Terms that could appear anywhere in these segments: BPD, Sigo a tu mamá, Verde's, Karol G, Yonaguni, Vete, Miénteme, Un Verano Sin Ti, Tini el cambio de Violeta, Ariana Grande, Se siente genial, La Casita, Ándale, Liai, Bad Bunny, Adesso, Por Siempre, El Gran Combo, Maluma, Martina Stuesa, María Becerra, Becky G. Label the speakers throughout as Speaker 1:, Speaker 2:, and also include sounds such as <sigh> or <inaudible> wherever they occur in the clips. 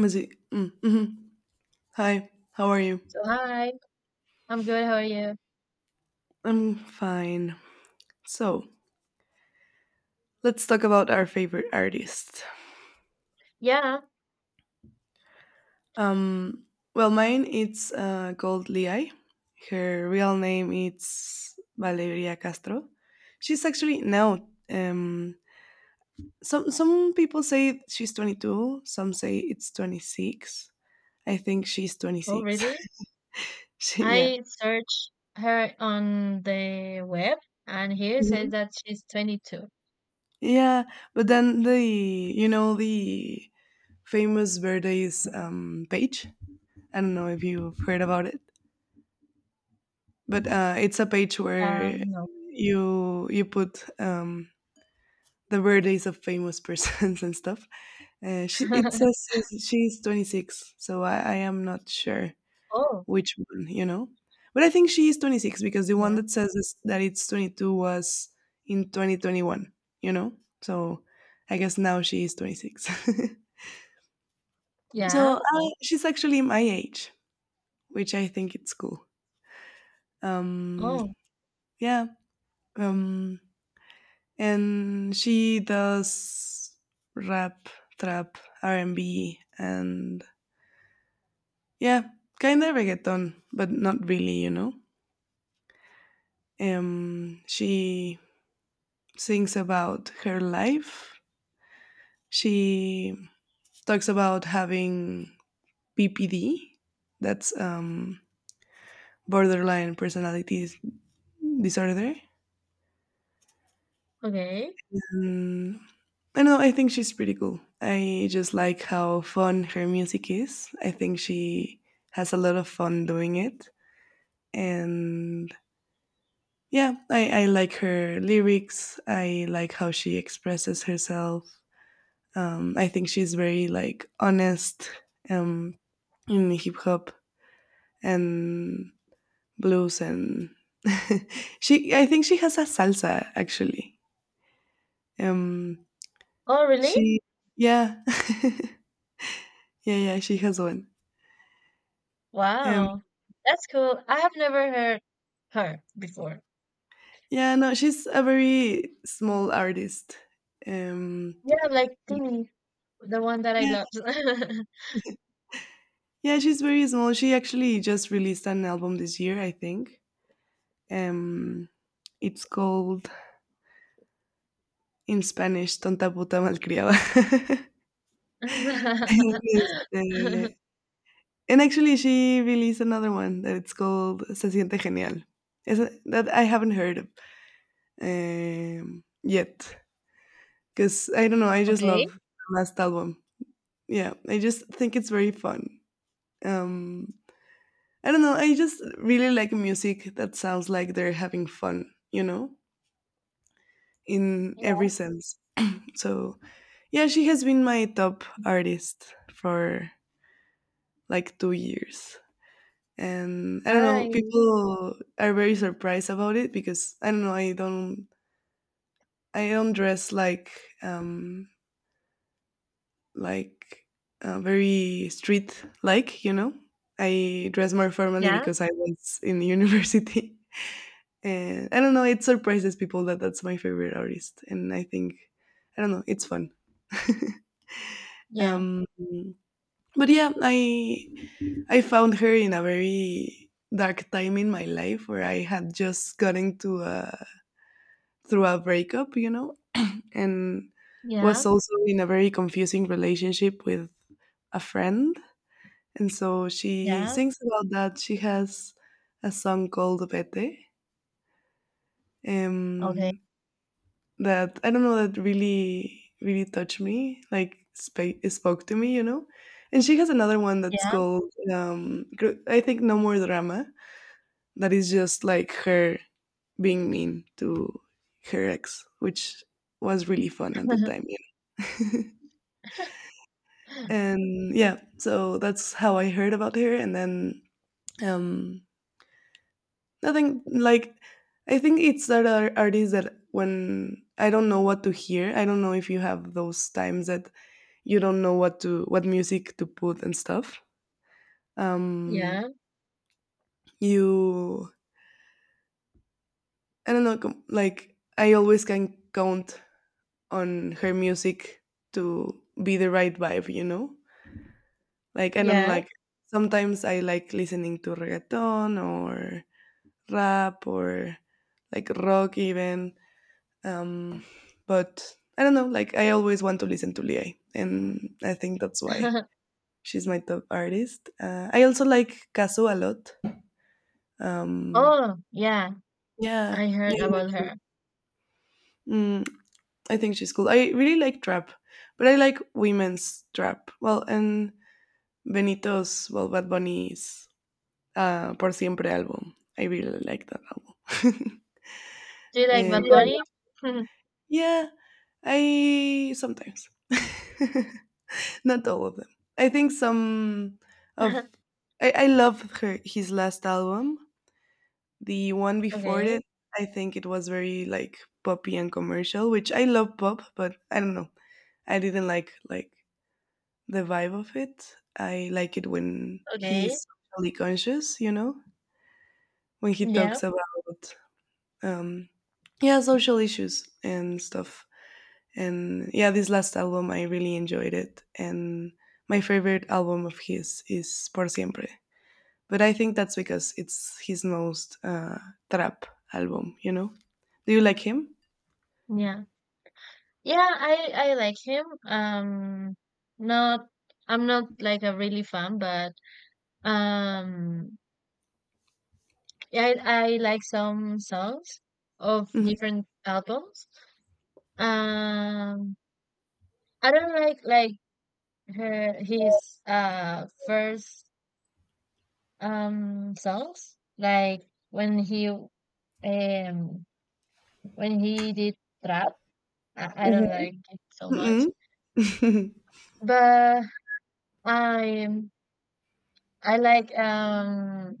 Speaker 1: Mazi. Mm, mhm. Hi, how are you?
Speaker 2: So hi, I'm good. How are you?
Speaker 1: I'm fine. So let's talk about our favorite artist.
Speaker 2: Yeah.
Speaker 1: Um, well, mine it's called Liai. Her real name is Valeria Castro. She's actually now. Some people say she's 22. Some say it's 26. I think she's
Speaker 2: Oh,
Speaker 1: 26.
Speaker 2: really?
Speaker 1: <laughs> Yeah.
Speaker 2: I searched her on the web, and here it
Speaker 1: Mhm.
Speaker 2: says that she's 22.
Speaker 1: Yeah, but then the you know the Famous Verde's page. I don't know if you've heard about it, but it's a page where
Speaker 2: No.
Speaker 1: you put the birthdays of famous persons <laughs> and stuff. It
Speaker 2: <laughs>
Speaker 1: says she's 26, so I am not sure
Speaker 2: Oh,
Speaker 1: which one. But I think she is 26 because the one
Speaker 2: yeah,
Speaker 1: that says this, that it's 22 was in 2021, you know. So I guess now she is 26. <laughs> so
Speaker 2: yeah.
Speaker 1: uh, she's actually my age, which I think it's cool. Um,
Speaker 2: Oh,
Speaker 1: yeah. Um, and she does rap, trap, R and B, and yeah, kind of reggaeton, but not really. She sings about her life. She talks about having BPD, that's borderline personality disorder.
Speaker 2: okay.
Speaker 1: Mm, I know. I think she's pretty cool. I just like how fun her music is. I think she has a lot of fun doing it, and yeah, I like her lyrics. I like how she expresses herself. I think she's very like honest um, in hip hop and blues, and <laughs> she. I think she has a salsa actually. Um,
Speaker 2: Oh, really?
Speaker 1: she, yeah. <laughs> Yeah, yeah, she has one. Um,
Speaker 2: Wow, that's cool. I have never heard her before.
Speaker 1: yeah, no, she's a very small artist. Um,
Speaker 2: Yeah, like Timmy, the one that I
Speaker 1: yeah,
Speaker 2: love.
Speaker 1: yeah, she's very small. She actually just released an album this year, I think. Um, it's called in Spanish "Tonta puta malcriada." <laughs> and, este-
Speaker 2: <laughs>
Speaker 1: and actually, she released another one that it's called "Se siente genial." That I haven't heard of yet because I don't know. I just love
Speaker 2: Okay.
Speaker 1: the last album. Yeah, I just think it's very fun. um I don't know. I just really like music that sounds like they're having fun in every
Speaker 2: Yeah.
Speaker 1: sense. So yeah, she has been my top artist for like 2 years. And I don't know,
Speaker 2: Nice.
Speaker 1: people are very surprised about it because I don't know, I don't dress um like very street like, you know. I dress more formally
Speaker 2: Yeah.
Speaker 1: because I was in university. <laughs> And I don't know, it surprises people that that's my favorite artist. And I think, I don't know, it's fun. <laughs>
Speaker 2: Yeah.
Speaker 1: um but yeah, I found her in a very dark time in my life where I had just gotten to a through a breakup, and
Speaker 2: Yeah.
Speaker 1: was also in a very confusing relationship with a friend. And so she
Speaker 2: Yeah.
Speaker 1: sings about that. She has a song called Vete,
Speaker 2: Okay.
Speaker 1: um, that I don't know that really really touched me, like spoke to me. And she has another one that's
Speaker 2: Yeah.
Speaker 1: called, I think, No More Drama, that is just like her being mean to her ex, which was really fun at the time,
Speaker 2: <laughs>
Speaker 1: know. <laughs> And yeah, so that's how I heard about her, and then um nothing like, I think it's that artists that when I don't know what to hear. I don't know if you have those times that you don't know what music to put and stuff. Um,
Speaker 2: Yeah.
Speaker 1: you I don't know, like I always can count on her music to be the right vibe. Like I don't
Speaker 2: Yeah.
Speaker 1: like, sometimes I like listening to reggaeton or rap or like rock even. Um, but I don't know. Like I always want to listen to Lie, and I think that's why
Speaker 2: <laughs>
Speaker 1: she's my top artist. I also like Kazu a lot. Um,
Speaker 2: Oh, yeah.
Speaker 1: yeah,
Speaker 2: I
Speaker 1: yeah,
Speaker 2: heard
Speaker 1: I
Speaker 2: about
Speaker 1: like.
Speaker 2: her.
Speaker 1: Mm, I think she's cool. I really like trap, but I like women's trap. Well, and Benito's, well, Bad Bunny's Por Siempre album. I really like that album.
Speaker 2: Do you
Speaker 1: <laughs>
Speaker 2: like
Speaker 1: um,
Speaker 2: Bad Bunny? <laughs>
Speaker 1: yeah, I sometimes. <laughs> Not all of them. I think some of I love her his last album. The one before it,
Speaker 2: Okay.
Speaker 1: I think it was very like poppy and commercial, which I love pop, but I don't know. I didn't like the vibe of it. I like it when
Speaker 2: Okay.
Speaker 1: he's socially conscious, when he
Speaker 2: Yeah.
Speaker 1: talks about um yeah, social issues and stuff. And yeah, this last album, I really enjoyed it. And my favorite album of his is Por Siempre, but I think that's because it's his most trap album. Do you like him?
Speaker 2: Yeah. Yeah, I like him. Not I'm not like a really fan, but um, yeah, I like some songs of
Speaker 1: Mm-hmm.
Speaker 2: different albums. Um, I don't like her his first songs, like when he um when he did trap, I
Speaker 1: Mhm.
Speaker 2: don't like it so
Speaker 1: Mm-mm.
Speaker 2: much,
Speaker 1: <laughs> Mm-hmm.
Speaker 2: but I I like,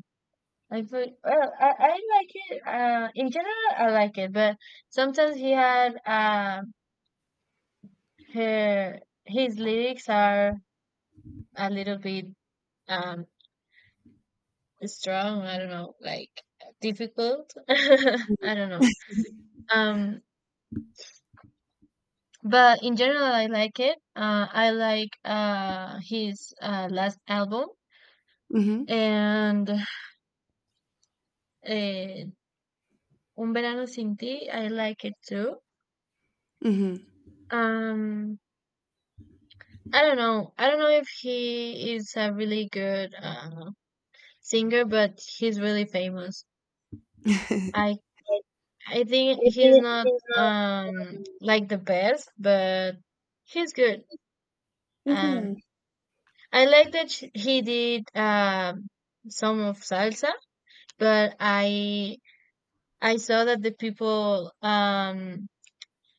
Speaker 2: I put well, I like it, in general I like it, but sometimes he had her his lyrics are a little bit um strong, I don't know, like difficult. <laughs> I don't know. um But in general, I like it. I like, his, last album and, uh, Un Verano Sin Ti. I like it too.
Speaker 1: Mm-hmm.
Speaker 2: Um, I don't know. I don't know if he is a really good, singer, but he's really famous.
Speaker 1: <laughs>
Speaker 2: I I think he's not, like, the best, but he's good.
Speaker 1: Mhm.
Speaker 2: Um, I like that he did some of salsa, but I saw that the people,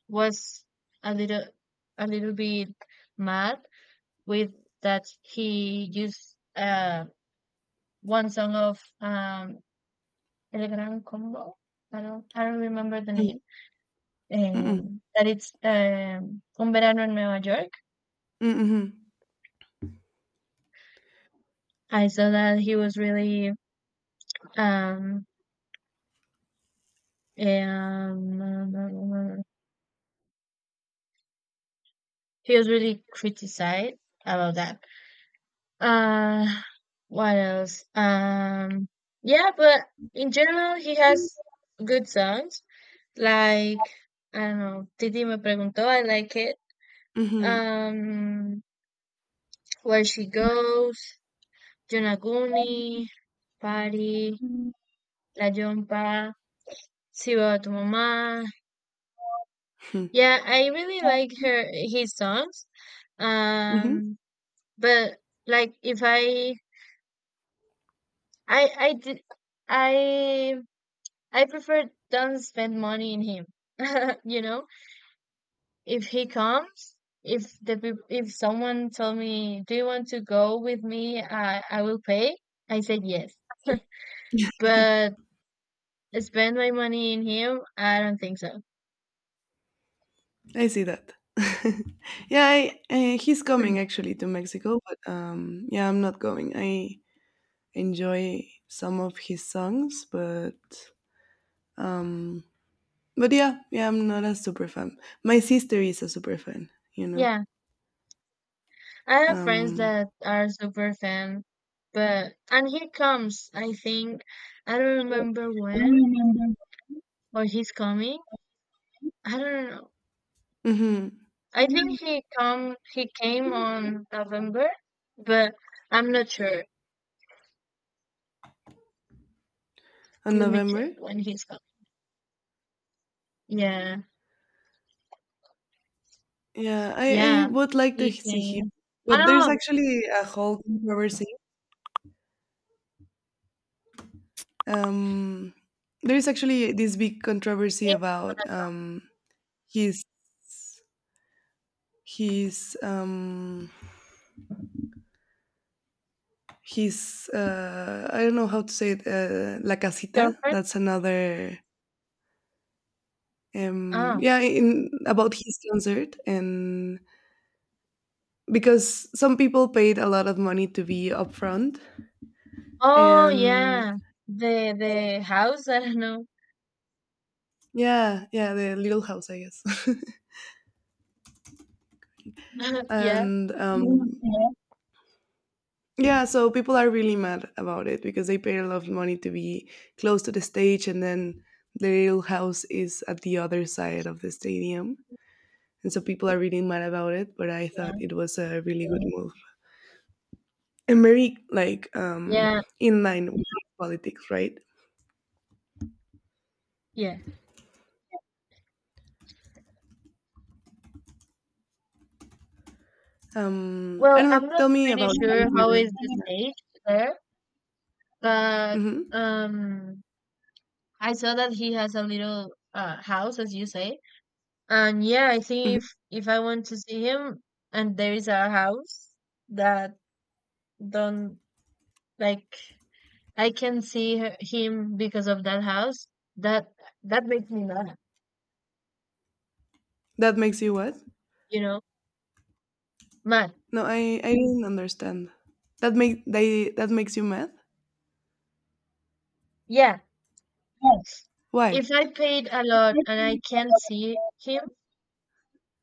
Speaker 2: was a little a little bit mad with that he used, one song of, El Gran Combo. I don't remember the name.
Speaker 1: Mm-mm.
Speaker 2: That it's, Un Verano in Nueva York.
Speaker 1: Mm-mm.
Speaker 2: I saw that um um he was really criticized about that. Uh, what else? Yeah, but in general, he has good songs. Like, I don't know, Titi me preguntó, I like it.
Speaker 1: Mhm.
Speaker 2: Um, Where She Goes, Yonaguni, Party, La Jumpa, Sigo a tu mamá.
Speaker 1: Mhm.
Speaker 2: Yeah, I really like her his songs.
Speaker 1: Mhm.
Speaker 2: Um, but, like, if I I did I I prefer don't spend money in him. <laughs> You know, if he comes, if the peop- if someone told me, "Do you want to go with me? I will pay." I said yes. <laughs> But spend my money in him, I don't think so.
Speaker 1: I see that. <laughs> Yeah, he's coming
Speaker 2: <laughs>
Speaker 1: actually to Mexico, but yeah, I'm not going. I enjoy some of his songs, but um, yeah, yeah, I'm not a super fan. My sister is a super fan.
Speaker 2: Yeah, I have friends
Speaker 1: Um,
Speaker 2: that are super fan, but and he comes, I think. I don't remember when, or he's coming. I don't know.
Speaker 1: hmm
Speaker 2: I think he came on November, but I'm not sure.
Speaker 1: On
Speaker 2: Let me check
Speaker 1: November,
Speaker 2: when he's coming. Yeah,
Speaker 1: yeah, I
Speaker 2: yeah,
Speaker 1: would like to
Speaker 2: he
Speaker 1: see him,
Speaker 2: came. Oh
Speaker 1: but there's
Speaker 2: no,
Speaker 1: actually a whole controversy. Um, there is actually this big controversy
Speaker 2: he's on
Speaker 1: about his his um his I don't know how to say it, La
Speaker 2: a
Speaker 1: Casita.
Speaker 2: girlfriend.
Speaker 1: That's another,
Speaker 2: Oh,
Speaker 1: yeah, in about his concert, and because some people paid a lot of money to be up front,
Speaker 2: oh
Speaker 1: and
Speaker 2: yeah, the house. <laughs> I don't know.
Speaker 1: yeah, yeah, the little house, I guess. <laughs>
Speaker 2: <laughs> Yeah,
Speaker 1: And yeah, so people are really mad about it because they pay a lot of money to be close to the stage, and then the little house is at the other side of the stadium. And so people are really mad about it, but I thought
Speaker 2: yeah,
Speaker 1: it was a really good move, and very like,
Speaker 2: yeah,
Speaker 1: in line with politics, right?
Speaker 2: yeah.
Speaker 1: I
Speaker 2: Well,
Speaker 1: don't
Speaker 2: I'm
Speaker 1: know. Tell
Speaker 2: not
Speaker 1: me
Speaker 2: pretty
Speaker 1: about
Speaker 2: sure
Speaker 1: your
Speaker 2: how
Speaker 1: favorite.
Speaker 2: is the stage there, but,
Speaker 1: hmm
Speaker 2: um, I saw that he has a little house, as you say. And yeah, I
Speaker 1: hmm
Speaker 2: think if I want to see him and there is a house that don't like I can see him because of that house, that that makes me mad,
Speaker 1: That makes you what?
Speaker 2: you know? Mad.
Speaker 1: No, I didn't understand. That makes you mad.
Speaker 2: Yeah.
Speaker 1: Why?
Speaker 2: If I paid a lot and I can't see him,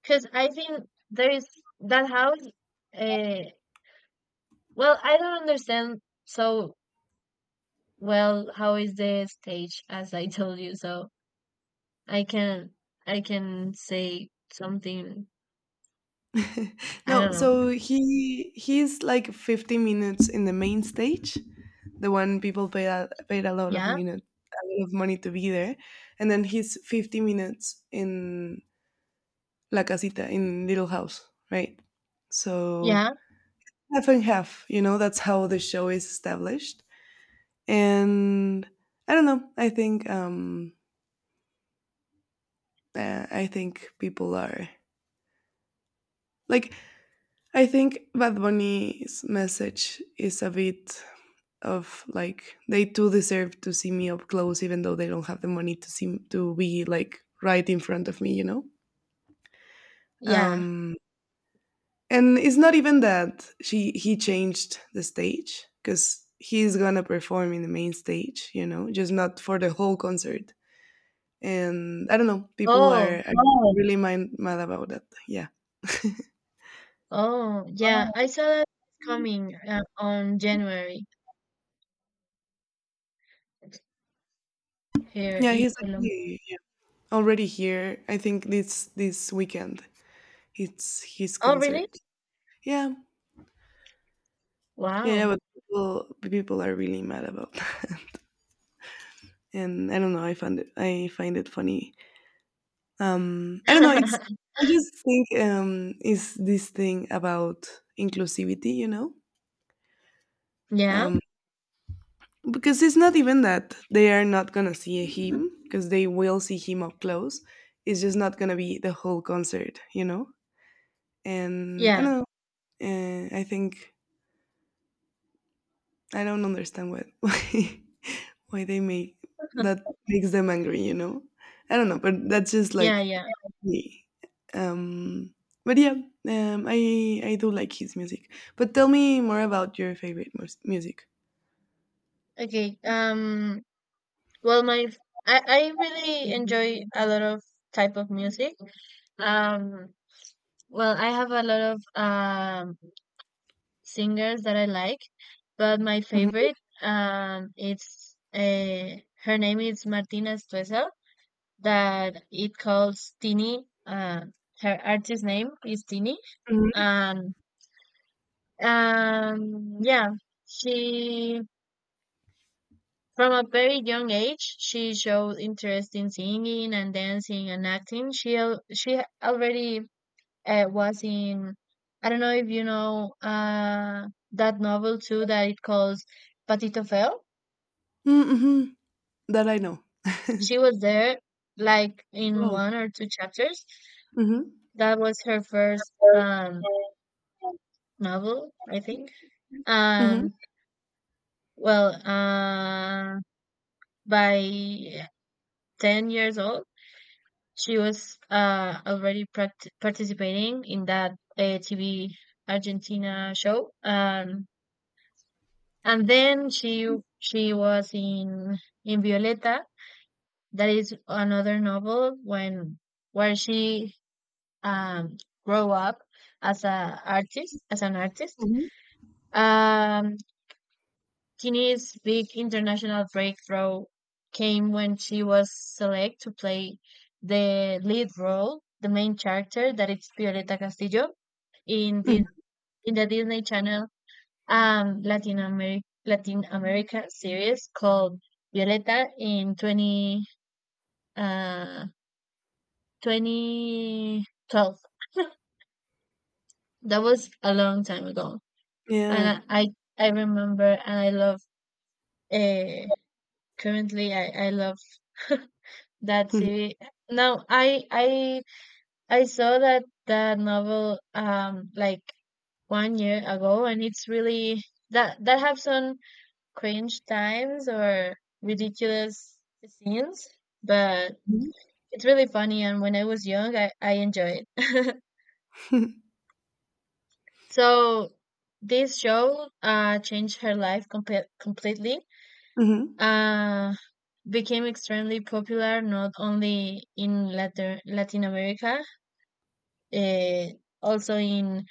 Speaker 2: because I think there is that house, uh well, I don't understand so well how is the stage as I <laughs> told you, so I can I can say something,
Speaker 1: <laughs>
Speaker 2: I
Speaker 1: No,
Speaker 2: don't know.
Speaker 1: so he's like 50 minutes in the main stage, the one people paid a lot of
Speaker 2: Yeah,
Speaker 1: minute a lot of money to be there, and then he's 50 minutes in La Casita, in Little House, right? So
Speaker 2: yeah,
Speaker 1: half and half, that's how the show is established. And I don't know. I think, people are like, I think Bad Bunny's message is a bit of like, they too deserve to see me up close, even though they don't have the money to be like right in front of me.
Speaker 2: yeah.
Speaker 1: Um, and it's not even that she he changed the stage because he's gonna perform in the main stage, just not for the whole concert. And I don't know, people are,
Speaker 2: Oh,
Speaker 1: oh, really mad about that. Yeah,
Speaker 2: oh, yeah. I saw that coming, on January here
Speaker 1: yeah,
Speaker 2: in
Speaker 1: he's
Speaker 2: Colombia.
Speaker 1: actually, yeah, already here. I think this weekend it's his
Speaker 2: Oh,
Speaker 1: concert.
Speaker 2: really?
Speaker 1: Yeah, yeah, yeah,
Speaker 2: Wow.
Speaker 1: but people are really mad about that. <laughs> And I don't know. I found it. I find it funny. I don't know. It's
Speaker 2: <laughs>
Speaker 1: I just think, is this thing about inclusivity.
Speaker 2: Yeah,
Speaker 1: Um, because it's not even that they are not gonna see him, because they will see him up close. It's just not gonna be the whole concert, and I
Speaker 2: yeah,
Speaker 1: don't know. I think, I don't understand what <laughs> why they make that makes them angry. I don't know, but that's just
Speaker 2: yeah,
Speaker 1: like
Speaker 2: yeah.
Speaker 1: me. um but yeah, I do like his music, but tell me more about your favorite music.
Speaker 2: Okay. Well, my I really enjoy a lot of type of music. Um. Well, I have a lot of singers that I like, but my
Speaker 1: Mm-hmm.
Speaker 2: favorite, it's, her name is Martina Stuesa, that it calls Tini, her artist name is Tini, and yeah, she from a very young age she showed interest in singing and dancing and acting. She already, was in, I don't know if you know, that novel too that it calls Patito Feo.
Speaker 1: Mm-hmm. That I know.
Speaker 2: She was there like in
Speaker 1: Wow.
Speaker 2: one or two chapters.
Speaker 1: Mm-hmm.
Speaker 2: That was her first novel, I think.
Speaker 1: Mm-hmm.
Speaker 2: Um well, by 10 years old she was, already pract participating in that, TV Argentina show. And then she was in Violeta, that is another novel when where she, um grow up as an artist.
Speaker 1: Mhm,
Speaker 2: Um, Tini's big international breakthrough came when she was select to play the lead role, the main character that is Violeta Castillo in
Speaker 1: mhm.
Speaker 2: the in the Disney Channel, Latin America series called Violeta in 20 uh 2012. That was a long time ago.
Speaker 1: Yeah.
Speaker 2: And I remember and I love, uh currently I love <laughs> that
Speaker 1: Mhm,
Speaker 2: series. Now I saw that novel, like, one year ago and it's really, that have some cringe times or ridiculous scenes, but
Speaker 1: mhm,
Speaker 2: it's really funny. And when I was young, I enjoy it.
Speaker 1: <laughs>
Speaker 2: <laughs> So this show, changed her life, completely.
Speaker 1: mhm.
Speaker 2: Uh, Became extremely popular not only in Latin America, uh, also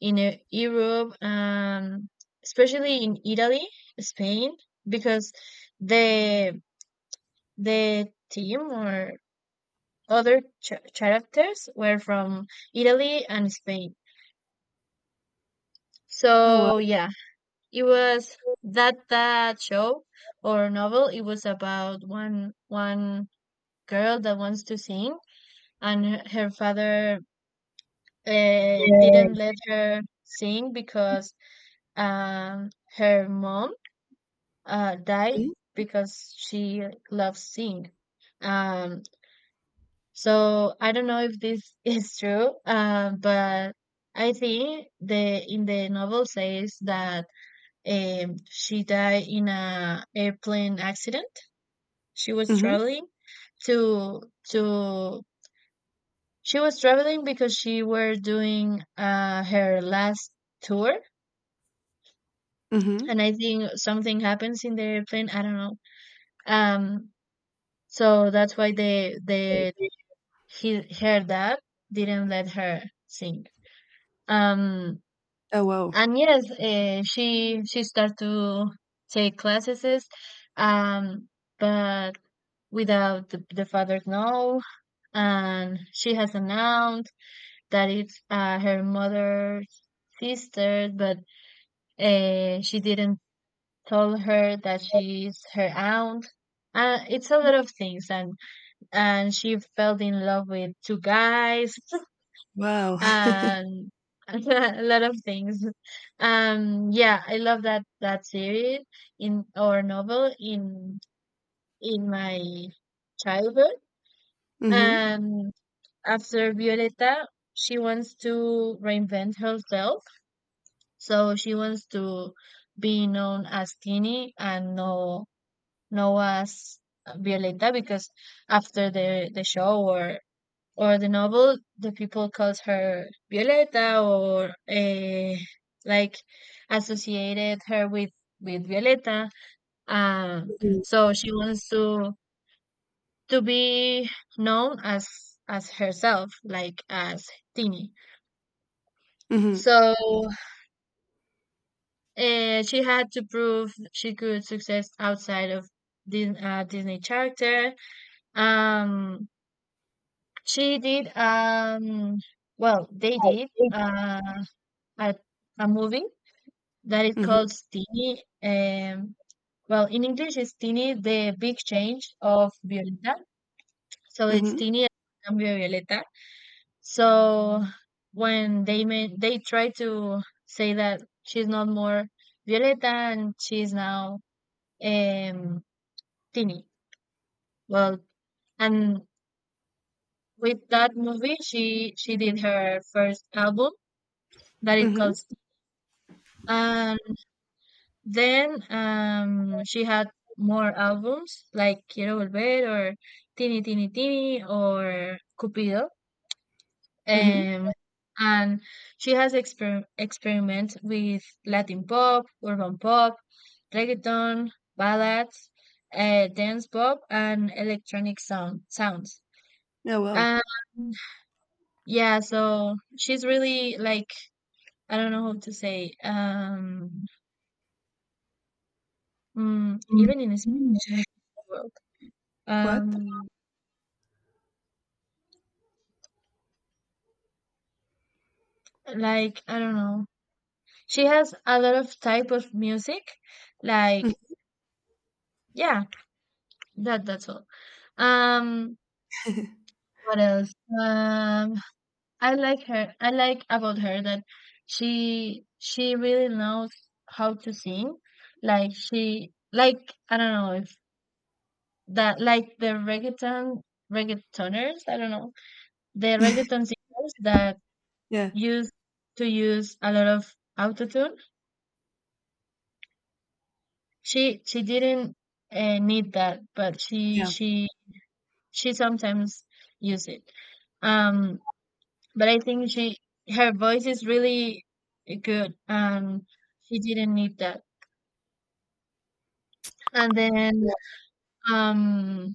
Speaker 2: in, Europe, especially in Italy, Spain, because the the team or other characters were from Italy and Spain.
Speaker 1: Oh, wow.
Speaker 2: So yeah, it was that show or novel. It was about one girl that wants to sing, and her father, didn't let her sing because um her mom, died
Speaker 1: Mhm,
Speaker 2: because she loves sing. Um, So I don't know if this <laughs> is true, but I think the in the novel says that, she died in a airplane accident. She was
Speaker 1: mhm,
Speaker 2: traveling to to she was traveling because she were doing, her last tour,
Speaker 1: mhm.
Speaker 2: and I think something happens in the airplane. I don't know. Um, so that's why her dad didn't let her sing. Um,
Speaker 1: Oh, wow.
Speaker 2: And yes, she started to take classes, um, but without the father's know. And she has announced that it's, her mother's sister, but, she didn't tell her that she's her aunt. It's a lot of things, and she fell in love with two guys. <laughs>
Speaker 1: Wow. <laughs>
Speaker 2: and <laughs> a lot of things. Yeah, I love that series in or novel in my childhood.
Speaker 1: Mhm,
Speaker 2: And after Violeta, she wants to reinvent herself, so she wants to be known as Tini and no as Violeta because after the show or the novel, the people calls her Violeta or, like, associated her with Violeta. Um,
Speaker 1: mhm,
Speaker 2: so she wants to be known as herself, like as Tini.
Speaker 1: mhm,
Speaker 2: So, she had to prove she could success outside of Disney character. Um, she did well, they did, uh, a a movie that is
Speaker 1: mhm,
Speaker 2: called Tini. Well, in English, it's Tini, the big change of Violeta. So it's
Speaker 1: mhm,
Speaker 2: Tini el cambio de Violeta. So when they made, they try to say that she's not more Violeta and she's now, um, Tini. Well, and with that movie, she did her first album that it
Speaker 1: mhm,
Speaker 2: calls. Uh, Then, she had more albums like Quiero Volver or Tini Tini Tini or Cupido.
Speaker 1: mhm.
Speaker 2: Um, and she has experiment with Latin pop, urban pop, reggaeton, ballads, dance pop, and electronic sounds.
Speaker 1: Oh, wow.
Speaker 2: Um, yeah, so she's really like, I don't know how to say, even in Spanish. <laughs>
Speaker 1: What?
Speaker 2: um like, I don't know, she has a lot of type of music, like,
Speaker 1: Mm,
Speaker 2: yeah, that's all. um what else? um I like her, I like about her that she really knows how to sing, like she like I don't know if that like the reggaeton reggaetoners, I don't know, the reggaeton singers that
Speaker 1: yeah,
Speaker 2: used to use a lot of autotune. She didn't, need that, but she
Speaker 1: yeah.
Speaker 2: she she sometimes use it. Um, but I think she her voice is really good, and she didn't need that. And then, um,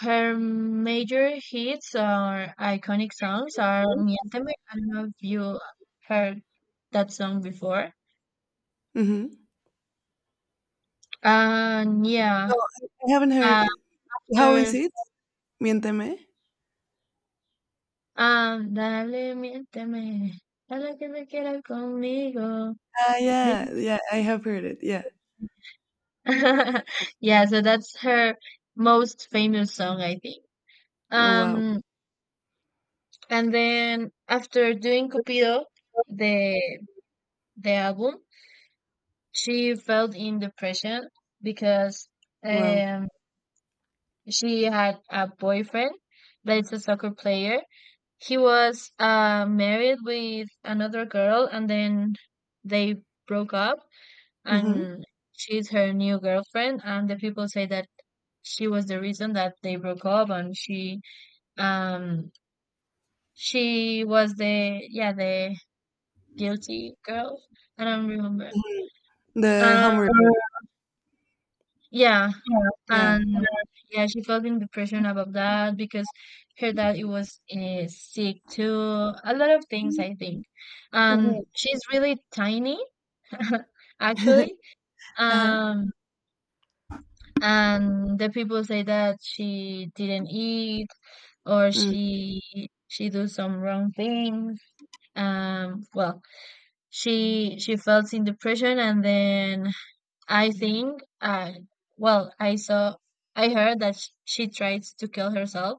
Speaker 2: her major hits or iconic songs are "Miénteme." I don't know if you heard that song before.
Speaker 1: Mhm.
Speaker 2: And yeah,
Speaker 1: No, I haven't heard. How is
Speaker 2: after
Speaker 1: it? Miénteme.
Speaker 2: Ándale, miénteme, a la que me quiera conmigo.
Speaker 1: Ah,
Speaker 2: Dime.
Speaker 1: yeah, yeah, I have heard it. Yeah.
Speaker 2: <laughs> Yeah, so that's her most famous song, I think.
Speaker 1: Oh, wow.
Speaker 2: Um, and then after doing Cupido, the the album, she fell in depression because
Speaker 1: Wow.
Speaker 2: um she had a boyfriend that is a soccer player. He was, married with another girl, and then they broke up.
Speaker 1: Mhm,
Speaker 2: And she's her new girlfriend, and the people say that she was the reason that they broke up, and she um she was the guilty girl. I don't remember.
Speaker 1: mhm. The
Speaker 2: um
Speaker 1: homework.
Speaker 2: yeah.
Speaker 1: Yeah.
Speaker 2: And yeah, she felt in depression about that because her dad it was sick too, a lot of things I think.
Speaker 1: Mhm.
Speaker 2: And she's really tiny <laughs>
Speaker 1: <laughs>
Speaker 2: actually.
Speaker 1: Uh-huh.
Speaker 2: um and the people say that she didn't eat, or
Speaker 1: Mm.
Speaker 2: she do some wrong things. Well, she felt in depression, and then I think, I saw I heard that she tries to kill herself.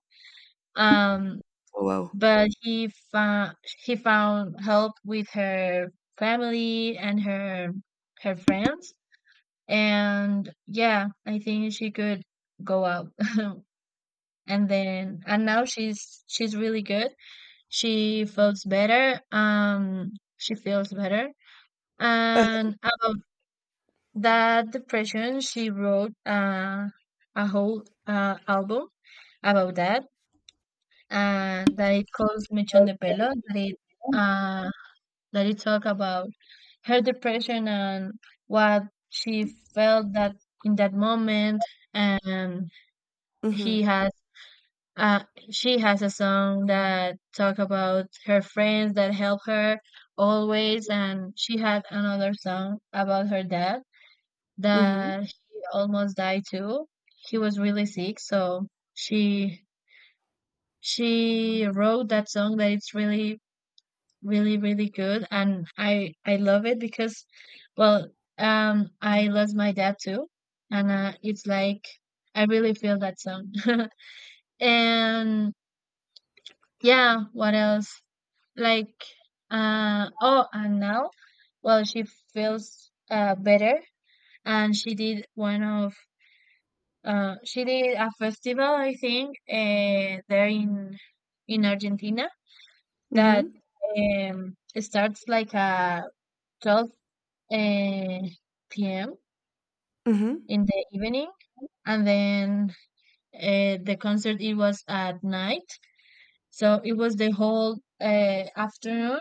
Speaker 2: um
Speaker 1: Oh, wow.
Speaker 2: but he found, he found help with her family and her friends. And yeah, I think she could go out. <laughs> And now she's really good. She feels better. She feels better.
Speaker 1: Uh-huh.
Speaker 2: And about that depression, she wrote a whole album about that, and that it calls Mechon de Pelo, uh that it talk about her depression and what she felt that, in that moment. And he
Speaker 1: Mhm,
Speaker 2: has Uh, she has a song that talk about her friends that help her always, and she had another song about her dad
Speaker 1: mhm.
Speaker 2: that he almost died too. He was really sick, so she she wrote that song that it's really, really, really good, and I love it because, well, I lost my dad too, and it's like I really feel that song. <laughs> And. Yeah, what else? Like, oh, and now, well, she feels better. And she did one of, she did a festival, I think, there in Argentina that
Speaker 1: Mhm,
Speaker 2: it starts like 12 uh, p.m.
Speaker 1: mhm,
Speaker 2: in the evening, and then the concert, it was at night, so it was the whole afternoon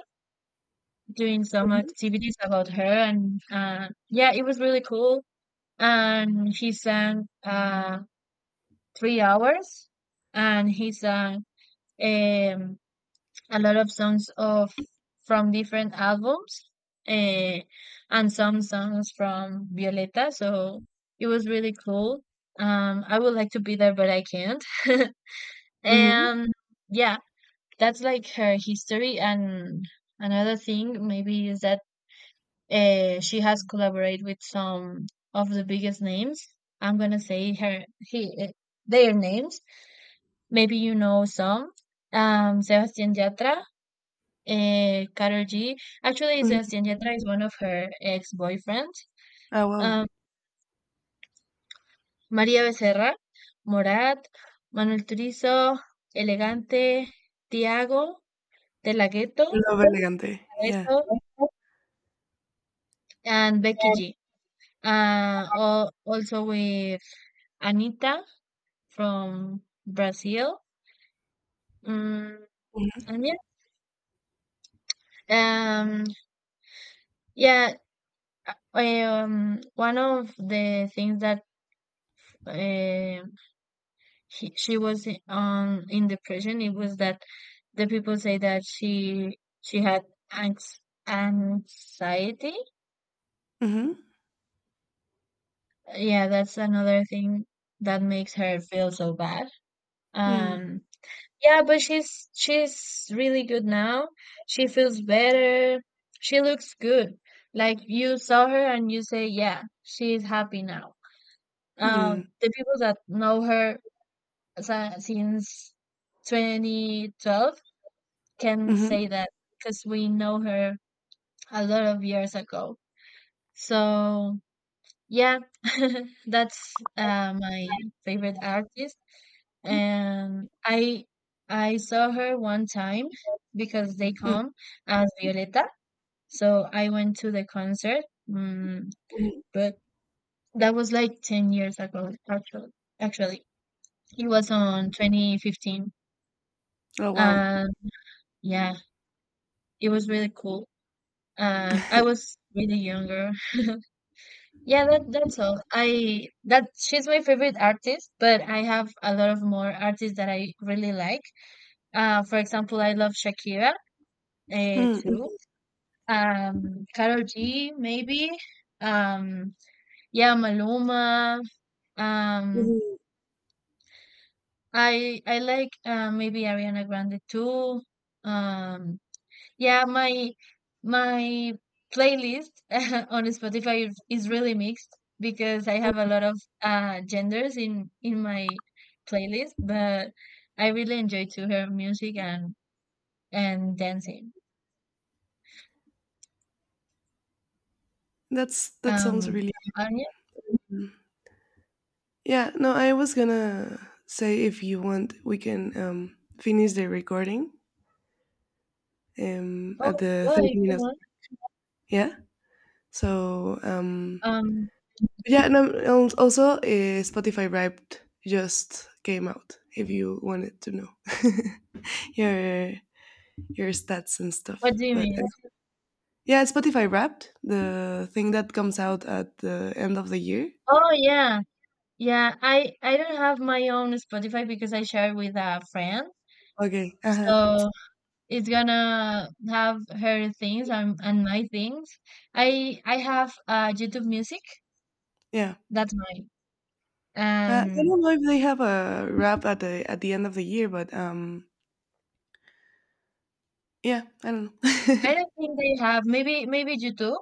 Speaker 2: doing some
Speaker 1: mhm,
Speaker 2: activities about her. And yeah, it was really cool. And he sang 3 hours, and he sang um, a lot of songs of, from different albums, uh, and some songs from Violeta, so it was really cool. I would like to be there but I can't. <laughs>
Speaker 1: mhm,
Speaker 2: And yeah, that's like her history. And another thing, maybe, is that she has collaborated with some of the biggest names. I'm gonna say their names. Maybe you know some. Sebastián Yatra, Karol G. Actually,
Speaker 1: mhm.
Speaker 2: Sebastián Yatra is one of her ex-boyfriends.
Speaker 1: Oh, wow.
Speaker 2: Um, María Becerra, Morat, Manuel Turizo, Elegante, Tiago, De La
Speaker 1: I
Speaker 2: Ghetto,
Speaker 1: love elegante. Yeah.
Speaker 2: Adesso, and Becky G. Also with Anita from Brazil. Mm,
Speaker 1: Mhm,
Speaker 2: and yeah, yeah, one of the things that, uh, she was on in depression, it was that the people say that she had anx anxiety.
Speaker 1: mhm,
Speaker 2: Yeah, that's another thing that makes her feel so bad.
Speaker 1: mm,
Speaker 2: Um, Yeah, but she's really good now. She feels better. She looks good. Like you saw her and you say, yeah, she's happy now.
Speaker 1: mm,
Speaker 2: The people that know her since 2012 can
Speaker 1: mhm,
Speaker 2: say that, because we know her a lot of years ago. So yeah, <laughs> that's my favorite artist. And I saw her one time because they
Speaker 1: mm,
Speaker 2: come as Violeta, so I went to the concert. Mm,
Speaker 1: mhm.
Speaker 2: but that was like 10 years ago, actually. Actually, it was on 2015,
Speaker 1: Oh, wow.
Speaker 2: and yeah, it was really cool. I was really younger. Yeah, that's all. I that she's my favorite artist, but I have a lot of more artists that I really like. For example, I love Shakira,
Speaker 1: Mm,
Speaker 2: too.
Speaker 1: mm,
Speaker 2: Karol G, maybe. Um, yeah, Maluma. Um,
Speaker 1: mhm.
Speaker 2: I like, maybe Ariana Grande too. Um, Yeah, my my playlist <laughs> on Spotify is really mixed because I have a lot of genders in my playlist, but I really enjoy to hear music and dancing.
Speaker 1: That sounds
Speaker 2: Um,
Speaker 1: really.
Speaker 2: Anya?
Speaker 1: Mm. Yeah. No, I was gonna say if you want, we can finish the recording at
Speaker 2: Oh,
Speaker 1: the
Speaker 2: well,
Speaker 1: thirty
Speaker 2: if you
Speaker 1: minutes.
Speaker 2: want.
Speaker 1: Yeah. So,
Speaker 2: Um,
Speaker 1: yeah. No. Also, Spotify Wrapped just came out. If you wanted to know. <laughs> your your stats and stuff.
Speaker 2: what do you
Speaker 1: But
Speaker 2: mean?
Speaker 1: yeah, it's Spotify Wrapped, the thing that comes out at the end of the year.
Speaker 2: Oh, yeah. Yeah, I don't have my own Spotify because I share with a friend.
Speaker 1: Okay. Uh-huh.
Speaker 2: So is gonna have her things and, my things. I have YouTube Music.
Speaker 1: Yeah.
Speaker 2: That's mine.
Speaker 1: I
Speaker 2: Um,
Speaker 1: don't know if they have a wrap at the end of the year, but yeah, I don't know. <laughs>
Speaker 2: I don't think they have. Maybe YouTube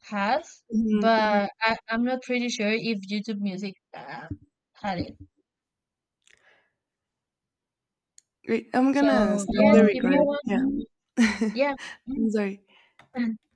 Speaker 2: has,
Speaker 1: Mhm, mhm.
Speaker 2: but I'm not pretty sure if YouTube Music had it.
Speaker 1: Great. I'm gonna
Speaker 2: So
Speaker 1: stop
Speaker 2: yes,
Speaker 1: the
Speaker 2: if you
Speaker 1: recording.
Speaker 2: want,
Speaker 1: Yeah.
Speaker 2: yeah.
Speaker 1: <laughs> I'm sorry.
Speaker 2: <laughs>